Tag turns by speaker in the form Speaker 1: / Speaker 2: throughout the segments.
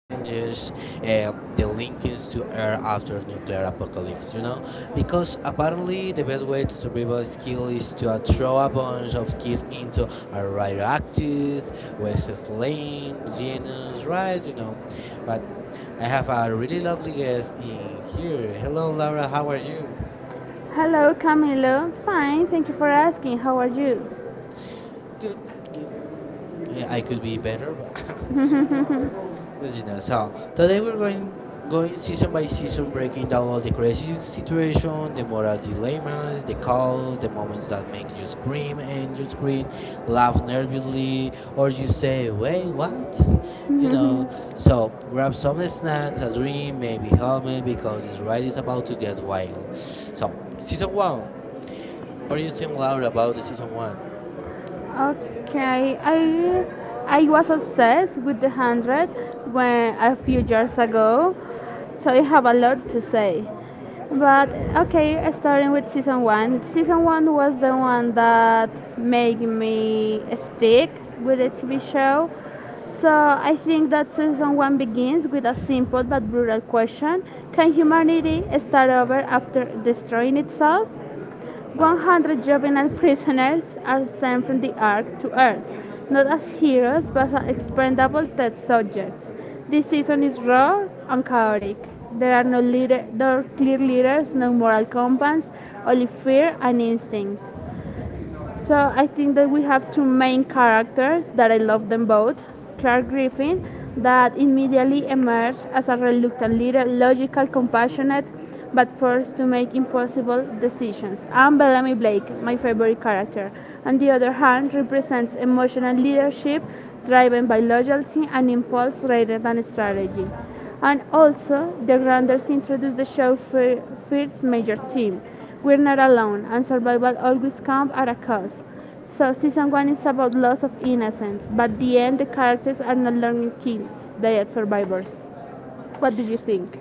Speaker 1: tangents, the linkings to air after nuclear apocalypse. You know, because apparently the best way to survival skill is to throw a bunch of kids into a radioactive, West slain genus, right? You know, but I have a really lovely guest in here. Hello, Laura. How are you?
Speaker 2: Hello, Camilo. Fine, thank you for asking. How are you?
Speaker 1: Good, good. I could be better, but but you know. So today we're going season by season, breaking down all the crazy situation, the moral dilemmas, the calls, the moments that make you scream and you scream, laugh nervously, or you say, "Wait, what?" You know. So grab some snacks, a drink, maybe helmet, because this ride is about to get wild. So season one. What do you think, Laura, about the season one?
Speaker 2: Okay, I was obsessed with the 100 when a few years ago, so I have a lot to say. But okay, starting with season one. Season one was the one that made me stick with the TV show. So I think that season one begins with a simple but brutal question: Can humanity start over after destroying itself?
Speaker 1: Now.
Speaker 2: 100 juvenile prisoners are sent from the Ark to Earth, not as heroes but as expendable test subjects. This season is raw and chaotic. There are no leader, no clear leaders, no moral compass, only fear and instinct. So I think that we have two main characters that I love them both. Clark Griffin, that immediately emerged as a reluctant leader, logical, compassionate, but forced to make impossible decisions. And Bellamy Blake, my favorite character, on the other hand, represents emotional leadership driven by loyalty and impulse rather than strategy. And also, the Granders introduced the show for first major team, we're not alone, and survival always comes at a cost. So season one is about loss of innocence, but the end the characters are not learning kills; they are survivors. What do you think?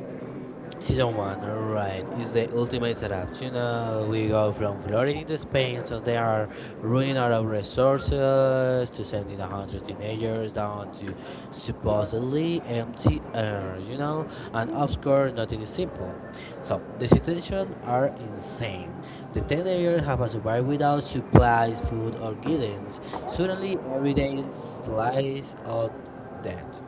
Speaker 1: Season one, alright, is the ultimate setup. You know, we go from flooding to Spain, so they are running out of resources to sending a hundred teenagers down to supposedly empty air. You know, and of course, nothing is simple. So the situations are insane. The teenagers have survived without supplies, food, or guidance. Suddenly, every day is slice of death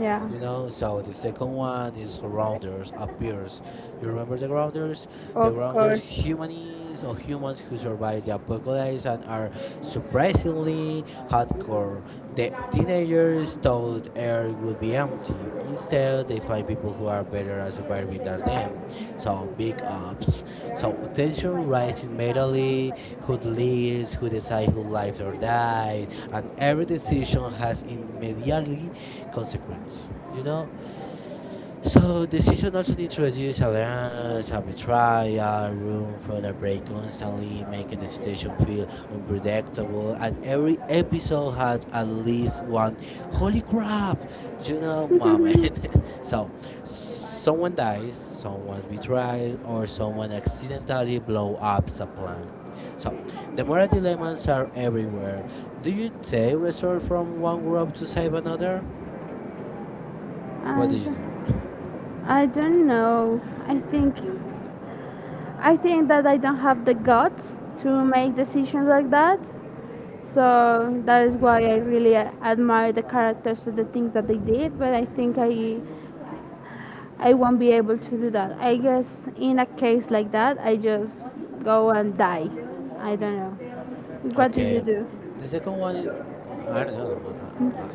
Speaker 2: Yeah,
Speaker 1: you know. So the second one is grounders, appears. You remember the grounders? The
Speaker 2: of
Speaker 1: grounders,
Speaker 2: course.
Speaker 1: humanies or humans who survive the apocalypse and are surprisingly hardcore. The teenagers thought Earth would be empty. Instead, they find people who are better at surviving than them. So big ups. So tension rises mentally. Who lives? Who decides who lives or dies? And every decision has immediately consequence. So the season also introduced a lens, a betrayal, room for a break constantly, making the situation feel unpredictable. And every episode has at least one holy crap, you know, moment. So someone dies, someone's betrayed, or someone accidentally blow up the plan. So the moral dilemmas are everywhere. Do you take resort from one group to save another? What
Speaker 2: I,
Speaker 1: did you
Speaker 2: d-
Speaker 1: do?
Speaker 2: I don't know. I think that I don't have the guts to make decisions like that. So that is why I really admire the characters for the things that they did. But I think I won't be able to do that. I guess in a case like that, I just go and die. I don't know. What did you
Speaker 1: Okay,
Speaker 2: do?
Speaker 1: the second one is I don't know.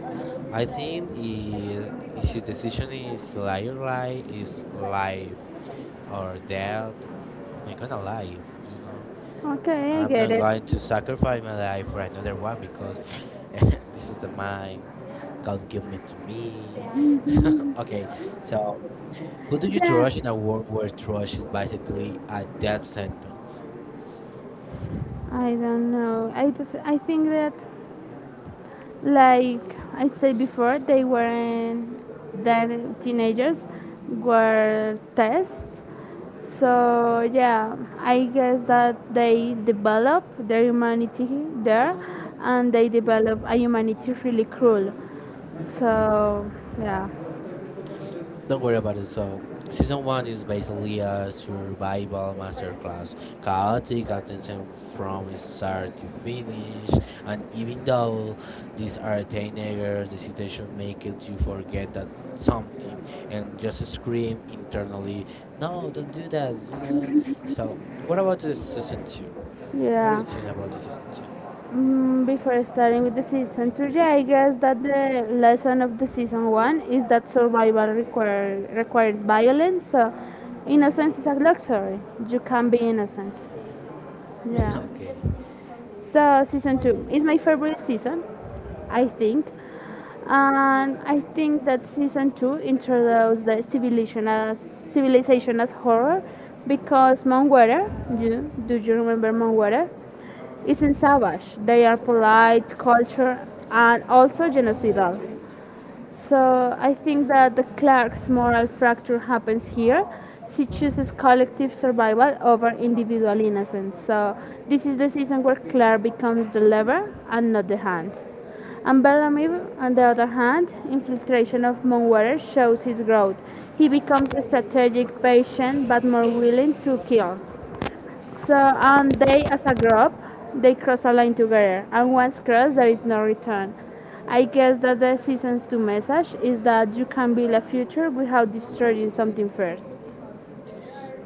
Speaker 1: I think is his decision is lie or lie is life or death. I'm gonna lie, you know.
Speaker 2: Okay, I
Speaker 1: I'm
Speaker 2: get
Speaker 1: not
Speaker 2: it.
Speaker 1: going to sacrifice my life for another one because this is the mine. God give me to me. Okay, so who do you
Speaker 2: Yeah,
Speaker 1: trust in a world where trust is basically a death sentence?
Speaker 2: I don't know. I think that like I said before, they weren't that teenagers were tests. So yeah, I guess that they develop their humanity there, and they develop a humanity really cruel. So yeah,
Speaker 1: Don't worry about it. So, season one is basically a survival masterclass, chaotic attention from start to finish. And even though these are teenagers, the situation makes you forget that something and just scream internally, "No, don't do that!" You know. So, what about this season two? What do you
Speaker 2: yeah.
Speaker 1: think about this season two?
Speaker 2: Before starting with the season two, yeah, I guess that the lesson of the season one is that survival requires violence. So innocence is a luxury. You can be innocent. Yeah.
Speaker 1: Okay.
Speaker 2: So season two is my favorite season, I think, and I think that season two introduced the civilization as horror, because Mount Water, do you remember Mount Water? Isn't savage. They are polite, culture, and also genocidal. So I think that the Clark's moral fracture happens here. She chooses collective survival over individual innocence. So this is the season where Claire becomes the lever and not the hand. And Bellamy, on the other hand, infiltration of Moonwater shows his growth. He becomes strategic, patient, but more willing to kill. So and they as a group, they cross a line together, and once crossed, there is no return. I guess that the season's two message is that you can build a future without destroying something first.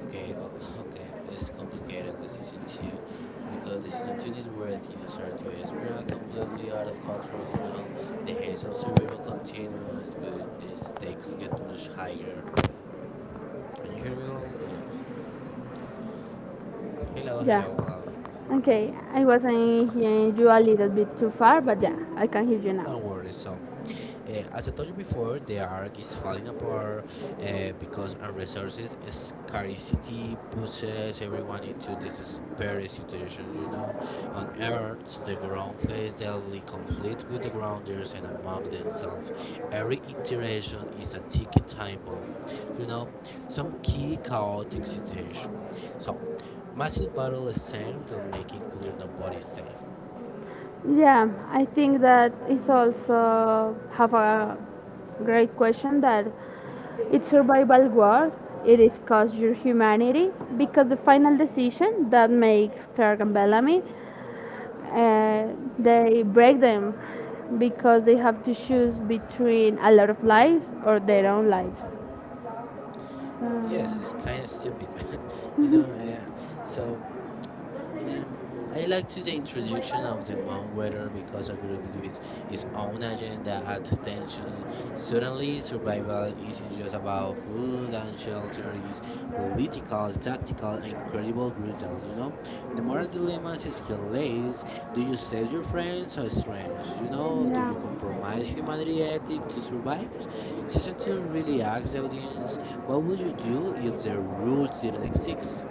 Speaker 1: Okay, okay, it's complicated. Decision two, because decision two is where things start to spiral completely out of control. You know, the haze of survival continues, but the stakes get much higher. Can you hear me? Well, yeah. Hello,
Speaker 2: Yeah.
Speaker 1: hello.
Speaker 2: Okay, I wasn't hearing you a little bit too far, but yeah, I can hear you now.
Speaker 1: Don't worry, so as I told you before, the arc is falling apart because on resources scarcity pushes everyone into desperate situations. You know, on Earth, the ground face daily conflict with the grounders and among themselves. Every interaction is a ticking time bomb. You know, some key chaotic situation. So massive battle is centered on making clear nobody's safe.
Speaker 2: Yeah, I think that is also have a great question, that it's survival worth it is cause your humanity, because the final decision that makes Clark and Bellamy they break them, because they have to choose between a lot of lives or their own lives.
Speaker 1: Yes, it's kind of stupid, you know. So Um, I like to the introduction of the Mount Weather because a group with its own agenda adds tension. Suddenly, survival isn't just about food and shelter; it's political, tactical, and incredible brutal. You know, the moral dilemmas escalate. Do you save your friends or strangers? You know, do you compromise humanity ethic to survive? Season
Speaker 2: So,
Speaker 1: two
Speaker 2: yeah.
Speaker 1: really asks the audience, "What would you do if the rules didn't exist?"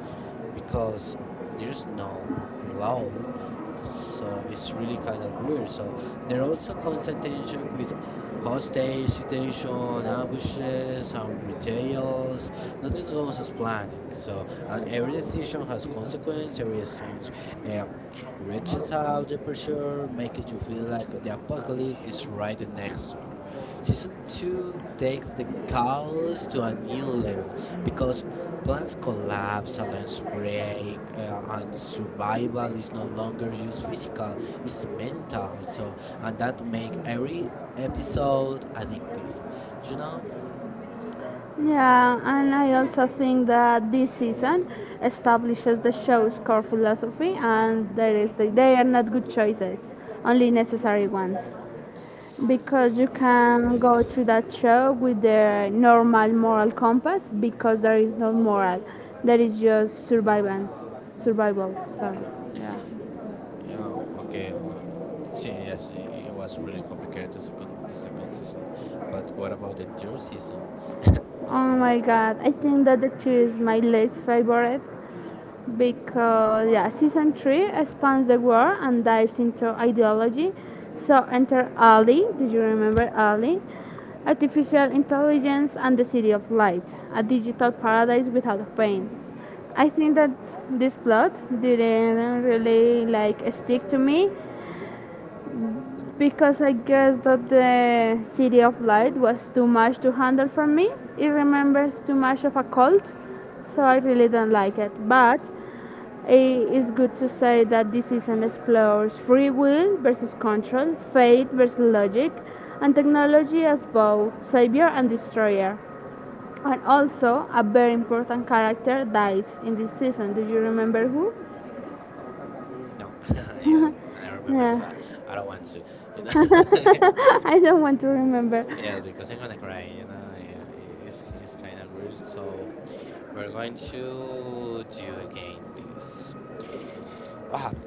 Speaker 1: Because there's no law, so it's really kind of weird. So there are also constant tension with hostage situation, ambushes, and betrayals. Nothing goes as planned, so and every decision has consequence. Every exchange uh, reaches out the pressure, making you feel like the apocalypse is right next door. Season two takes the chaos to a new level because Plants collapse, alarms break, and survival is no longer just physical, it's mental. So, and that make every episode addictive, you know?
Speaker 2: Yeah, and I also think that this season establishes the show's core philosophy, and there is they are not good choices, only necessary ones. Because you can
Speaker 1: Okay,
Speaker 2: go
Speaker 1: yeah.
Speaker 2: through that show with the normal moral compass, because there is no moral, there is just survival sorry.
Speaker 1: Yeah, okay. Yeah, yes, it was really complicated the second season, but what about the third season?
Speaker 2: Oh
Speaker 1: Okay.
Speaker 2: my god, I think that the two is my least favorite, because yeah, season three expands the world and dives into ideology. So enter Ali, did you remember Ali? Artificial intelligence and the City of Light, a digital paradise without pain. I think that this plot didn't really like stick to me because I guess that the City of Light was too much to handle for me. It remembers too much of a cult, so I really don't like it. But it is good to say that this season explores free will versus control, fate versus logic, and technology as both savior and destroyer. And also, a very important character dies in this season. Do you remember who?
Speaker 1: Mm, no, yeah, I remember so
Speaker 2: Yeah.
Speaker 1: that. I don't want to, you know.
Speaker 2: I don't want to remember.
Speaker 1: Yes, because I'm gonna cry, you know. Yeah, it's kind of weird. So, we're going to do again this. What happened?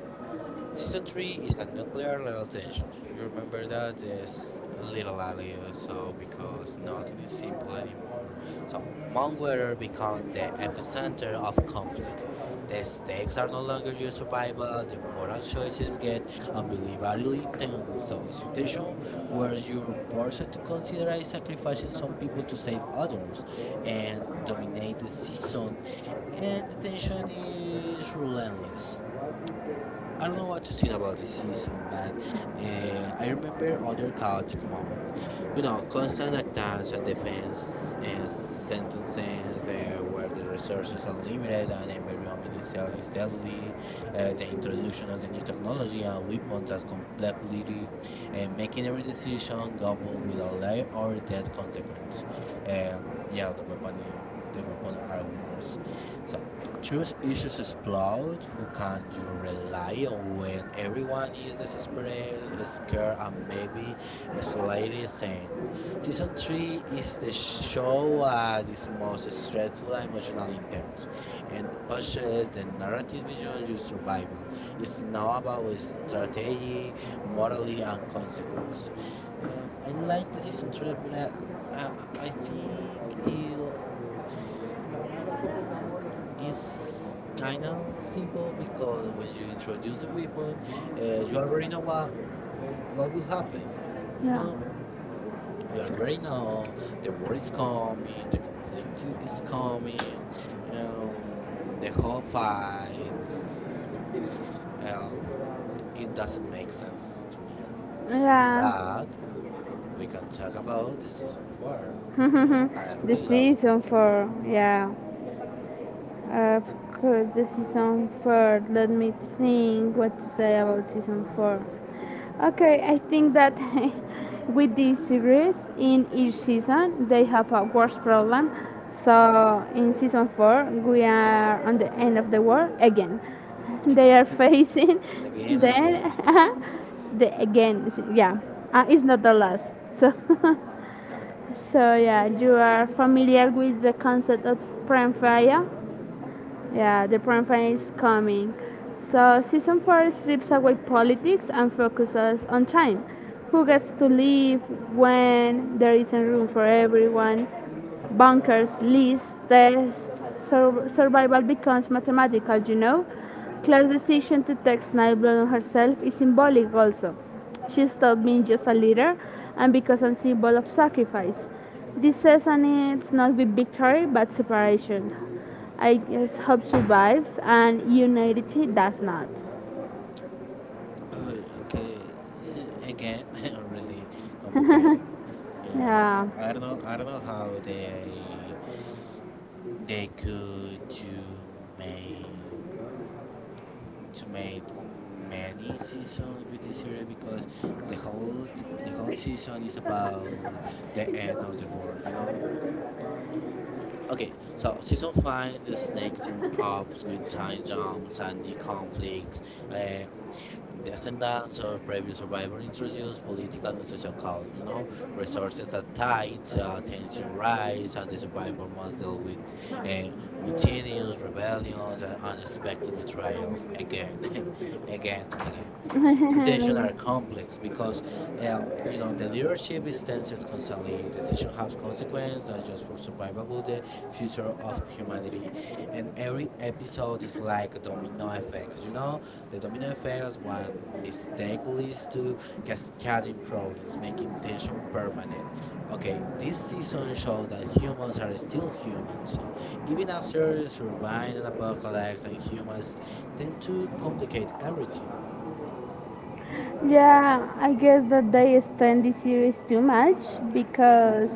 Speaker 1: Season 3 is a nuclear level tension. You remember that is little alias, so because nothing is simple anymore. So Mount Weather becomes the epicenter of conflict. The stakes are no longer your survival, the moral choices get unbelievably intense. So situation where you're forced to consider sacrificing some people to save others and dominate the season and the tension is relentless. I don't know what to think about this season, but I remember other chaotic moments. You know, constant attacks and defense and sentences where the resources are limited and environment itself is deadly. The introduction of the new technology and weapons as complexity, and making every decision gamble with a life or death consequence. Uh, yeah, the weapon, the weapon are worse. So. Choose issues explode who can you rely on when everyone is desperate, scared, and maybe slightly sane. Season 3 is the show that is most stressful and emotionally intense and pushes the narrative beyond just survival. It's now about strategy, morality, and consequence. I like the season 3, but I, I think it's kind of simple because when you introduce the weapon, you already know what will happen. You
Speaker 2: Yeah.
Speaker 1: know, you already know the war is coming, the conflict is coming, um, the whole fight. Uh, it doesn't make sense to me,
Speaker 2: Yeah.
Speaker 1: but we can talk about the season four. I
Speaker 2: The
Speaker 1: really love this
Speaker 2: season for, yeah. Of course, the season four. Let me think what to say about season four. Okay, I think that with this series, in each season, they have a worse problem. So in season four, we are on the end of the world again.
Speaker 1: again
Speaker 2: They are facing
Speaker 1: and again and again.
Speaker 2: then the again. Yeah, it's not the last. So so yeah, you are familiar with the concept of prime fire. Yeah, the prime time is coming. So season four strips away politics and focuses on time. Who gets to live when there isn't room for everyone? Bunkers, lists, tests, survival becomes mathematical? Claire's decision to text Niall Blunt herself is symbolic also. She stopped being just a leader and becomes a symbol of sacrifice. This season it's not with victory but separation. I guess hope survives and unity does not.
Speaker 1: Oh, okay. Again, really complicated. Yeah,
Speaker 2: Yeah.
Speaker 1: I don't know. I don't know how they could make to make many seasons with this series because the whole the whole season is about the end of the world. You know. Okay, so season five, the snake team up with time jumps and new conflicts. Uh, descendants of previous survivors introduce political and social costs, you know, resources are tight, tension rise, and the survivor must deal with uh, mutinies, rebellions, and unexpected betrayals again, again and again. Situations are complex because, you know, the leadership is tense constantly. Decision have consequence, not just for survival, but the future of humanity. And every episode is like a domino effect, you know, the domino effects one mistake leads to cascading problems, making tension permanent. Okay, this season showed that humans are still human, so even after surviving an apocalypse, and humans tend to complicate everything.
Speaker 2: Yeah, I guess that they extend the series too much, because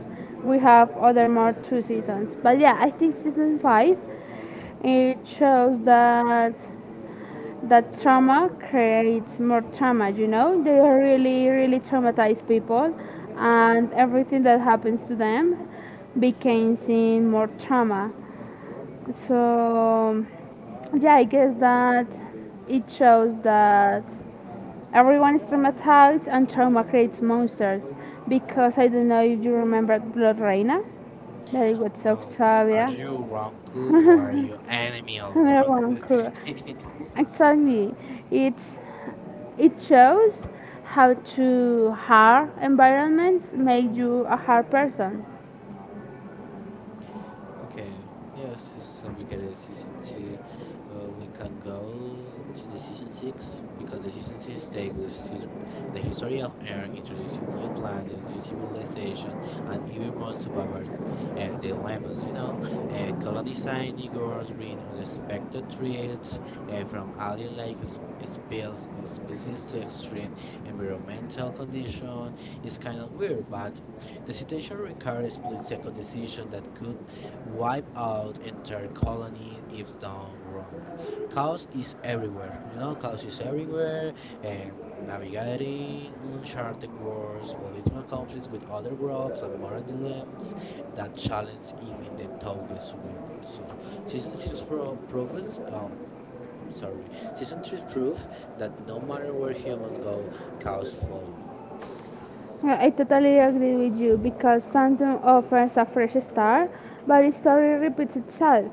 Speaker 2: we have other more two seasons. But yeah, I think season five it shows that that trauma creates more trauma. They are really really traumatized people, and everything that happens to them becomes in more trauma. So yeah, I guess that it shows that everyone is traumatized and trauma creates monsters, because I don't know if you remember Blood Reina, that it was
Speaker 1: Oh, are
Speaker 2: Octavia.
Speaker 1: you Ronku or are you enemy of
Speaker 2: Everyone
Speaker 1: Ronku?
Speaker 2: cruel. Exactly. it's It shows how to hard environments make you a hard person.
Speaker 1: Okay. Yes, it's complicated season two. Well, we can go to the season six because the season six takes season, the history of air, introducing new planets, new civilization, and even more survivor dilemmas. You know, colonizing Igors bring unexpected threats from alien-like spells or species to extreme environmental conditions. It's kind of weird, but the situation requires split-second decision that could wipe out entire colonies if done wrong. Chaos is everywhere, you know, chaos is everywhere. Um, navigating uncharted wars, political conflicts with other groups, and moral dilemmas that challenge even the toughest survivors. So, season six proves. I'm sorry. Season 3 proves that no matter where humans go, chaos follow.
Speaker 2: Well, I totally agree with you, because something offers a fresh start, but its story repeats itself.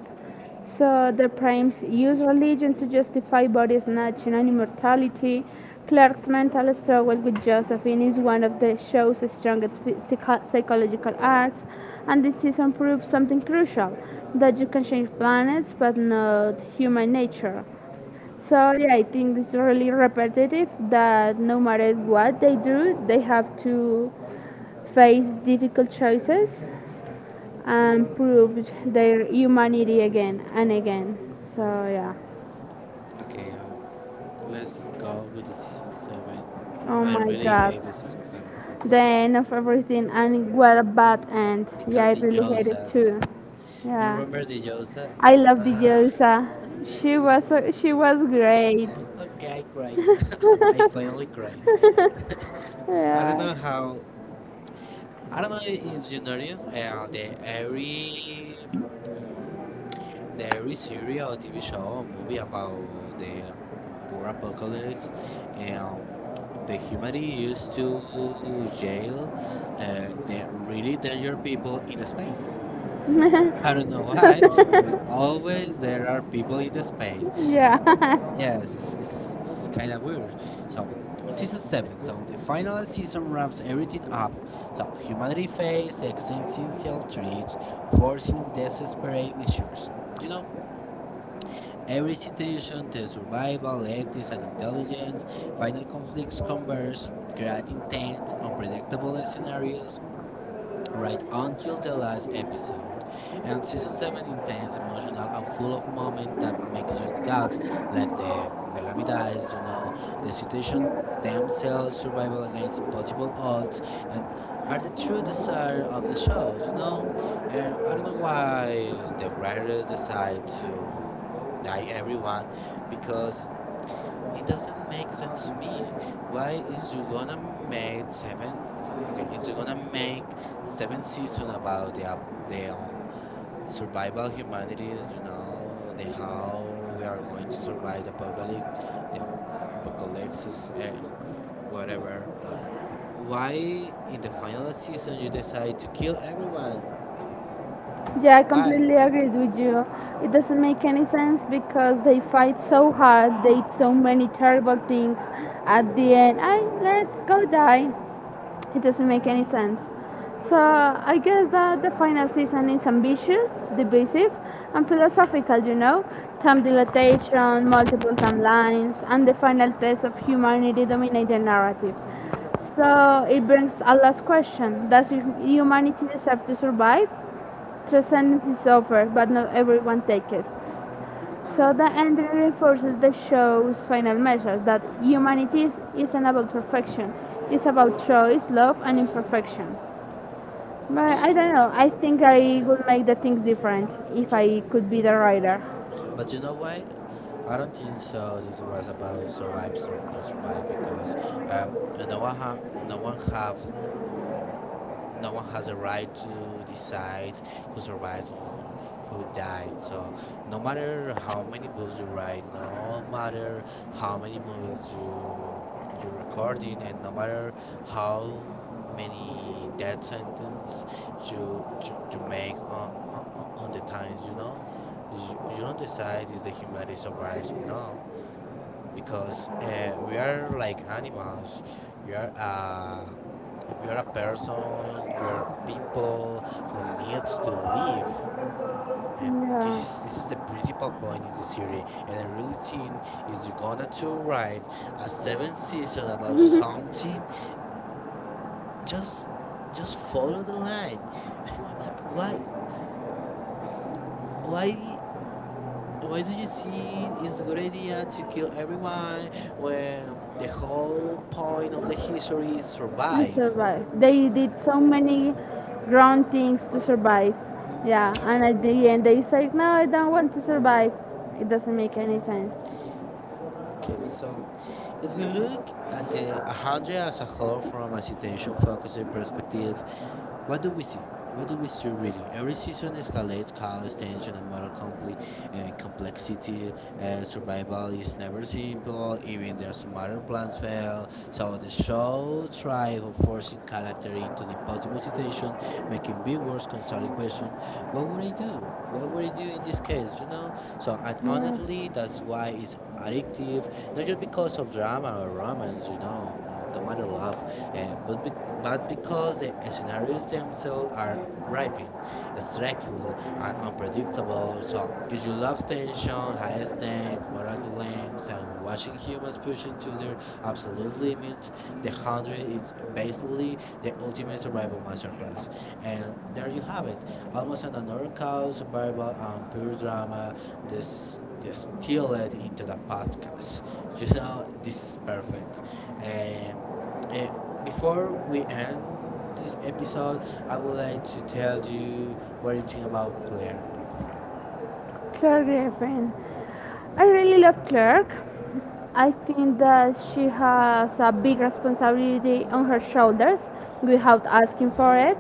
Speaker 2: So the primes use religion to justify body snatching and immortality. Clark's mental struggle with Josephine is one of the show's strongest psychological arcs, and this season proves something crucial, that you can change planets but not human nature. So yeah, I think it's really repetitive that no matter what they do, they have to face difficult choices and prove their humanity again and again. So yeah.
Speaker 1: Okay, let's go with the season 7.
Speaker 2: Oh
Speaker 1: I
Speaker 2: my
Speaker 1: really
Speaker 2: god.
Speaker 1: hate the season 7, so
Speaker 2: The end of everything and what a bad end.
Speaker 1: because
Speaker 2: Yeah, I
Speaker 1: the
Speaker 2: really hate it
Speaker 1: Josa.
Speaker 2: too.
Speaker 1: You
Speaker 2: Yeah.
Speaker 1: remember the Josa?
Speaker 2: I love the Diosa. She was she was great.
Speaker 1: Okay, I cried. I finally cried. I don't know
Speaker 2: Yeah.
Speaker 1: how. I don't know if you noticed the every mm, the every series or TV show or movie about the war apocalypse. Um, the humanity used to jail the really dangerous people in the space. I don't know why, but always there are people in the space.
Speaker 2: Yeah,
Speaker 1: Yes, it's kind of weird. So, season 7, so the final season ramps everything up. So, humanity faces existential threats, forcing desperate measures. You know, every situation, the survival, ethics, and intelligence, final conflicts converge, creating tense, unpredictable scenarios right until the last episode. And season 7 intense, emotional, and full of moments that make huge gaps, like the Bellamy dies, you know, the situation themselves, survival against impossible odds, and are the true desire of the show, you know? And I don't know why the writers decide to die everyone because it doesn't make sense to me. Why is you gonna make seven? Okay, if you're gonna make seven season about the their survival humanities, you know, the how we are going to survive the apocalypse, whatever. Why in the final season you decide to kill everyone?
Speaker 2: yeah, I
Speaker 1: Why?
Speaker 2: completely agree with you. It doesn't make any sense because they fight so hard, they did so many terrible things. At the end, I let's go die. It doesn't make any sense. So I guess that the final season is ambitious, divisive, and philosophical, time dilatation, multiple timelines, and the final test of humanity dominate the narrative. So it brings a last question: Does humanity deserve to survive? Transcendence is offered, but not everyone takes it. So the end reinforces the show's final message that humanity isn't about perfection. It's about choice, love, and imperfection. But I don't know. I think I would make the things different if I could be the writer.
Speaker 1: But you know why? I don't think so. This was about survive or not survive because um, uh, no one ha- no one have no one has a right to decide who survives and who died. So no matter how many books you write, no matter how many movies you you're recording, and no matter how many death sentence you make on the times, you know, you don't decide if the humanity survives or not because we are like animals. We are uh, we are a person. We are people who needs to live, and this is the principal point in the series. And I really think if you're gonna to write a seventh season about something, just just follow the line. O sea, why why do you think it's a good idea to kill everyone when the whole point of the history is
Speaker 2: Yeah. I
Speaker 1: survive?
Speaker 2: survived. They did so many ground things to survive. Yeah, and at the end they said, no, I don't want to survive. It doesn't make any sense.
Speaker 1: Okay, so if we look at the 100 as a whole from a citation focused perspective, what do we see? What do we see really? Every season escalates chaos, tension, and complexity. Survival is never simple, even their smarter plans fail. So the show thrives on forcing character into the impossible situation, making viewers constantly question, what would I do? What would I do in this case, you know? So, and honestly, that's why it's addictive, not just because of drama or romance, you know, the matter love, uh, but, bec but because the scenarios themselves are gripping, stressful, and unpredictable. So, if you love tension, high stakes, moral dilemmas, and watching humans
Speaker 2: Yeah.
Speaker 1: pushing to their absolute limits, The Hundred is basically the ultimate survival masterclass. And there you have it, almost an honorable survival and pure drama distilled into the podcast. You know, this is perfect. Um, eh, before we end this episode, I would like to tell you what you think about Claire Griffin.
Speaker 2: Claire Griffin. I really love Clark. I think that she has a big responsibility on her shoulders without asking for it,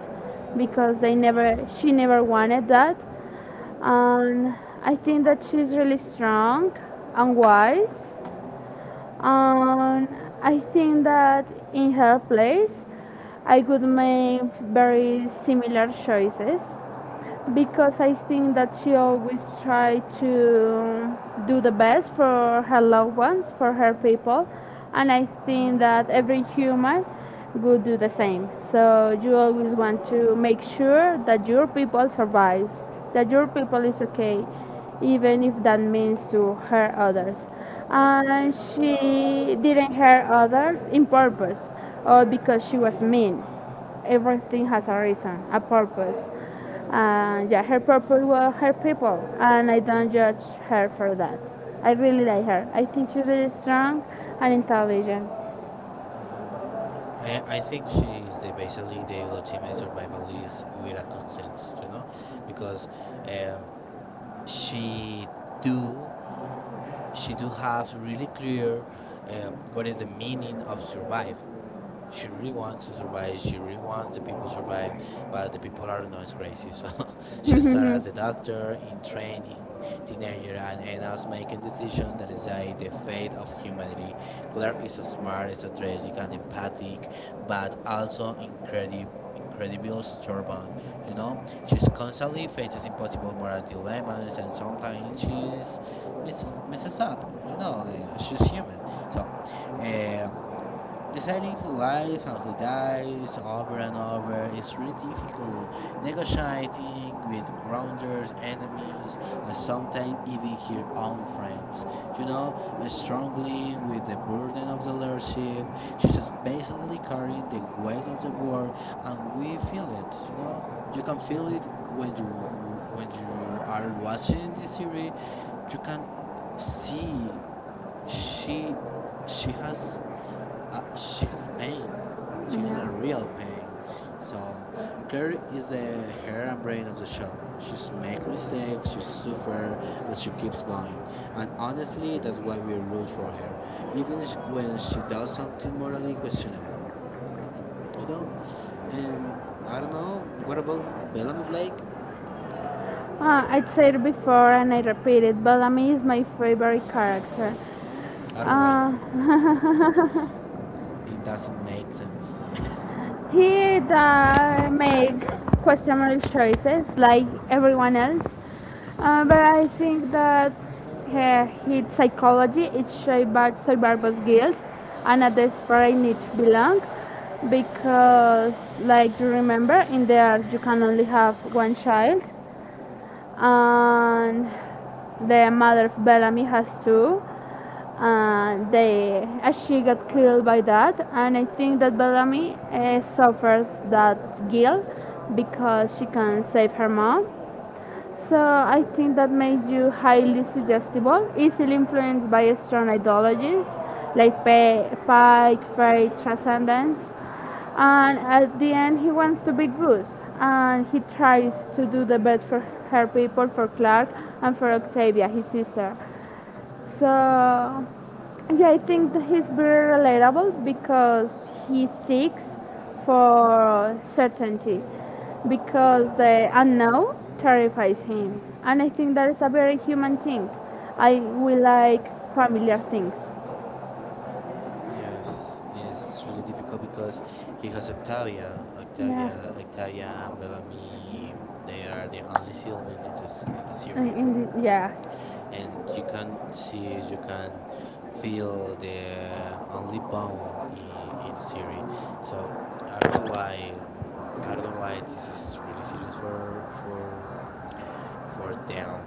Speaker 2: because they never she never wanted that. And I think that she's really strong and wise, and I think that in her place I would make very similar choices, because I think that she always tried to do the best for her loved ones, for her people, and I think that every human would do the same. So you always want to make sure that your people survives, that your people is okay, even if that means to hurt others. And she didn't hurt others in purpose or because she was mean. Everything has a reason, a purpose. And yeah, her purpose were her people, and I don't judge her for that. I really like her. I think she's really strong and intelligent.
Speaker 1: Mm, I think she is the basically the ultimate survivalist with a consent, you know, because uh, she do she do have really clear what is the meaning of survive, she really wants to survive. She really wants the people to survive, but the people I don't know is crazy. So she started as a doctor in training teenager and ends up making decisions that decide the fate of humanity. Claire is smart, strategic, and empathic, but also incredible. Incredible stubborn, you know. She's constantly faces impossible moral dilemmas, and sometimes she's misses up, you know. She's human, so. Uh, Deciding who lives and who dies over and over is really difficult. Negotiating with grounders, enemies, and sometimes even your own friends. You know, struggling with the burden of the leadership. She's just basically carrying the weight of the world, and we feel it. You know, you can feel it when you are watching this series. You can see she she has she has pain. She has a real pain. So, Claire is the heart and brain of the show. She makes mistakes, she suffers, but she keeps going. And honestly, that's why we root for her, even when she does something morally questionable. You know? And I don't know, what about Bellamy Blake?
Speaker 2: I said it before and I repeat it, but Ami is my favorite character.
Speaker 1: I don't know why.
Speaker 2: Uh,
Speaker 1: It doesn't make sense.
Speaker 2: he makes questionable choices like everyone else, but I think that his psychology is shaped by survivor's guilt and a desperate need to belong. Because, like you remember, in there you can only have one child, and the mother of Bellamy has two. And she got killed by that, and I think that Bellamy suffers that guilt because she can save her mom, so I think that makes you highly suggestible, easily influenced by strong ideologies like Pike, faith, transcendence. And at the end, he wants to be good, and he tries to do the best for her people, for Clark, and for Octavia, his sister. So, yeah, I think that he's very relatable because he seeks for certainty, because the unknown terrifies him. And I think that is a very human thing. I we like familiar things.
Speaker 1: Yes, yes, it's really difficult because he has
Speaker 2: Yeah.
Speaker 1: Octavia, and Bellamy. They are the only siblings in this in the
Speaker 2: In,
Speaker 1: series,
Speaker 2: in the, yes.
Speaker 1: and you can see, you can feel the only bone in the series. So I don't know why, I don't know why this is really serious for them.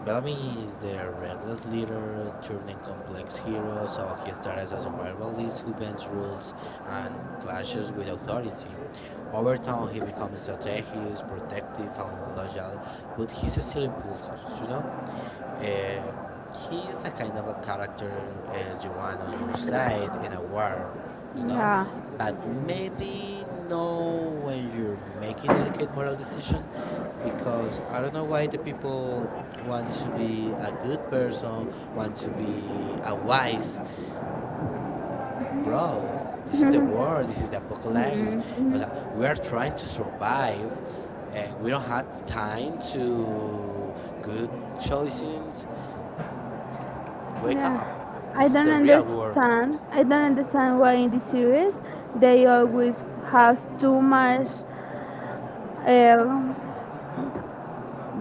Speaker 1: Bellamy is the reckless leader turning complex hero, so he starts as a survivalist who bends rules and clashes with authority. Over time, he becomes strategic, protective, and loyal, but he's still impulsive, you know? Um, he is a kind of a character you want on your side in a war, you know.
Speaker 2: Yeah.
Speaker 1: But maybe no when you're making delicate moral decision, because I don't know why the people want to be a good person, want to be a wise bro. This is the war. This is the apocalypse. O
Speaker 2: Mhm.
Speaker 1: sea, we are trying to survive. We don't have time to good choices. Wake
Speaker 2: Yeah.
Speaker 1: up.
Speaker 2: I
Speaker 1: This is
Speaker 2: don't
Speaker 1: the real work.
Speaker 2: understand. I don't understand why in the series they always have too much uh,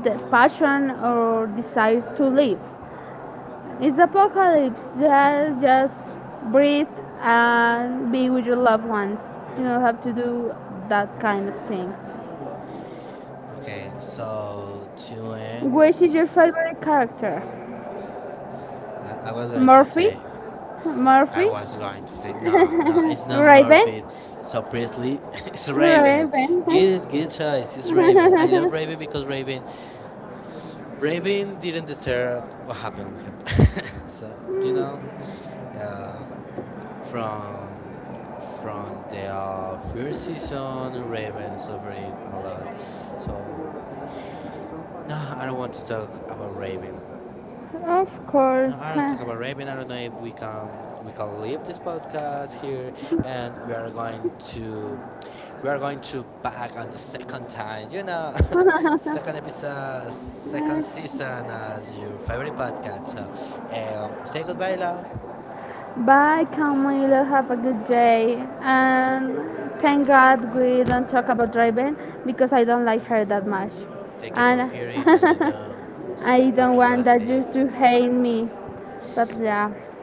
Speaker 2: the passion or desire to live. It's apocalypse. Just breathe and be with your loved ones. You don't have to do that kind of things.
Speaker 1: Okay, so to end
Speaker 2: Which is your
Speaker 1: this,
Speaker 2: favorite character?
Speaker 1: I was going to
Speaker 2: Murphy?
Speaker 1: say, I
Speaker 2: Murphy?
Speaker 1: was going to say, no, no, it's not
Speaker 2: Raven?
Speaker 1: Murphy. So Priestley, it's Raven.
Speaker 2: Raven?
Speaker 1: Good, good choice. It's Raven. I love Raven because Raven didn't deserve what happened with her. so you know, uh, from from the first season, Raven suffered a lot. So no, I don't want to talk about Raven.
Speaker 2: Of course.
Speaker 1: No, I don't talk about Raven. I don't know if we can leave this podcast here, and we are going to back on the second time. You know, second episode, second season as your favorite podcast. So, say goodbye, love.
Speaker 2: Bye, Camilo. Have a good day. And thank God we don't talk about Raven because I don't like her that much.
Speaker 1: Thank you for
Speaker 2: And
Speaker 1: hearing, and you know,
Speaker 2: I don't
Speaker 1: happy
Speaker 2: want that
Speaker 1: holidays.
Speaker 2: you to hate me. But yeah.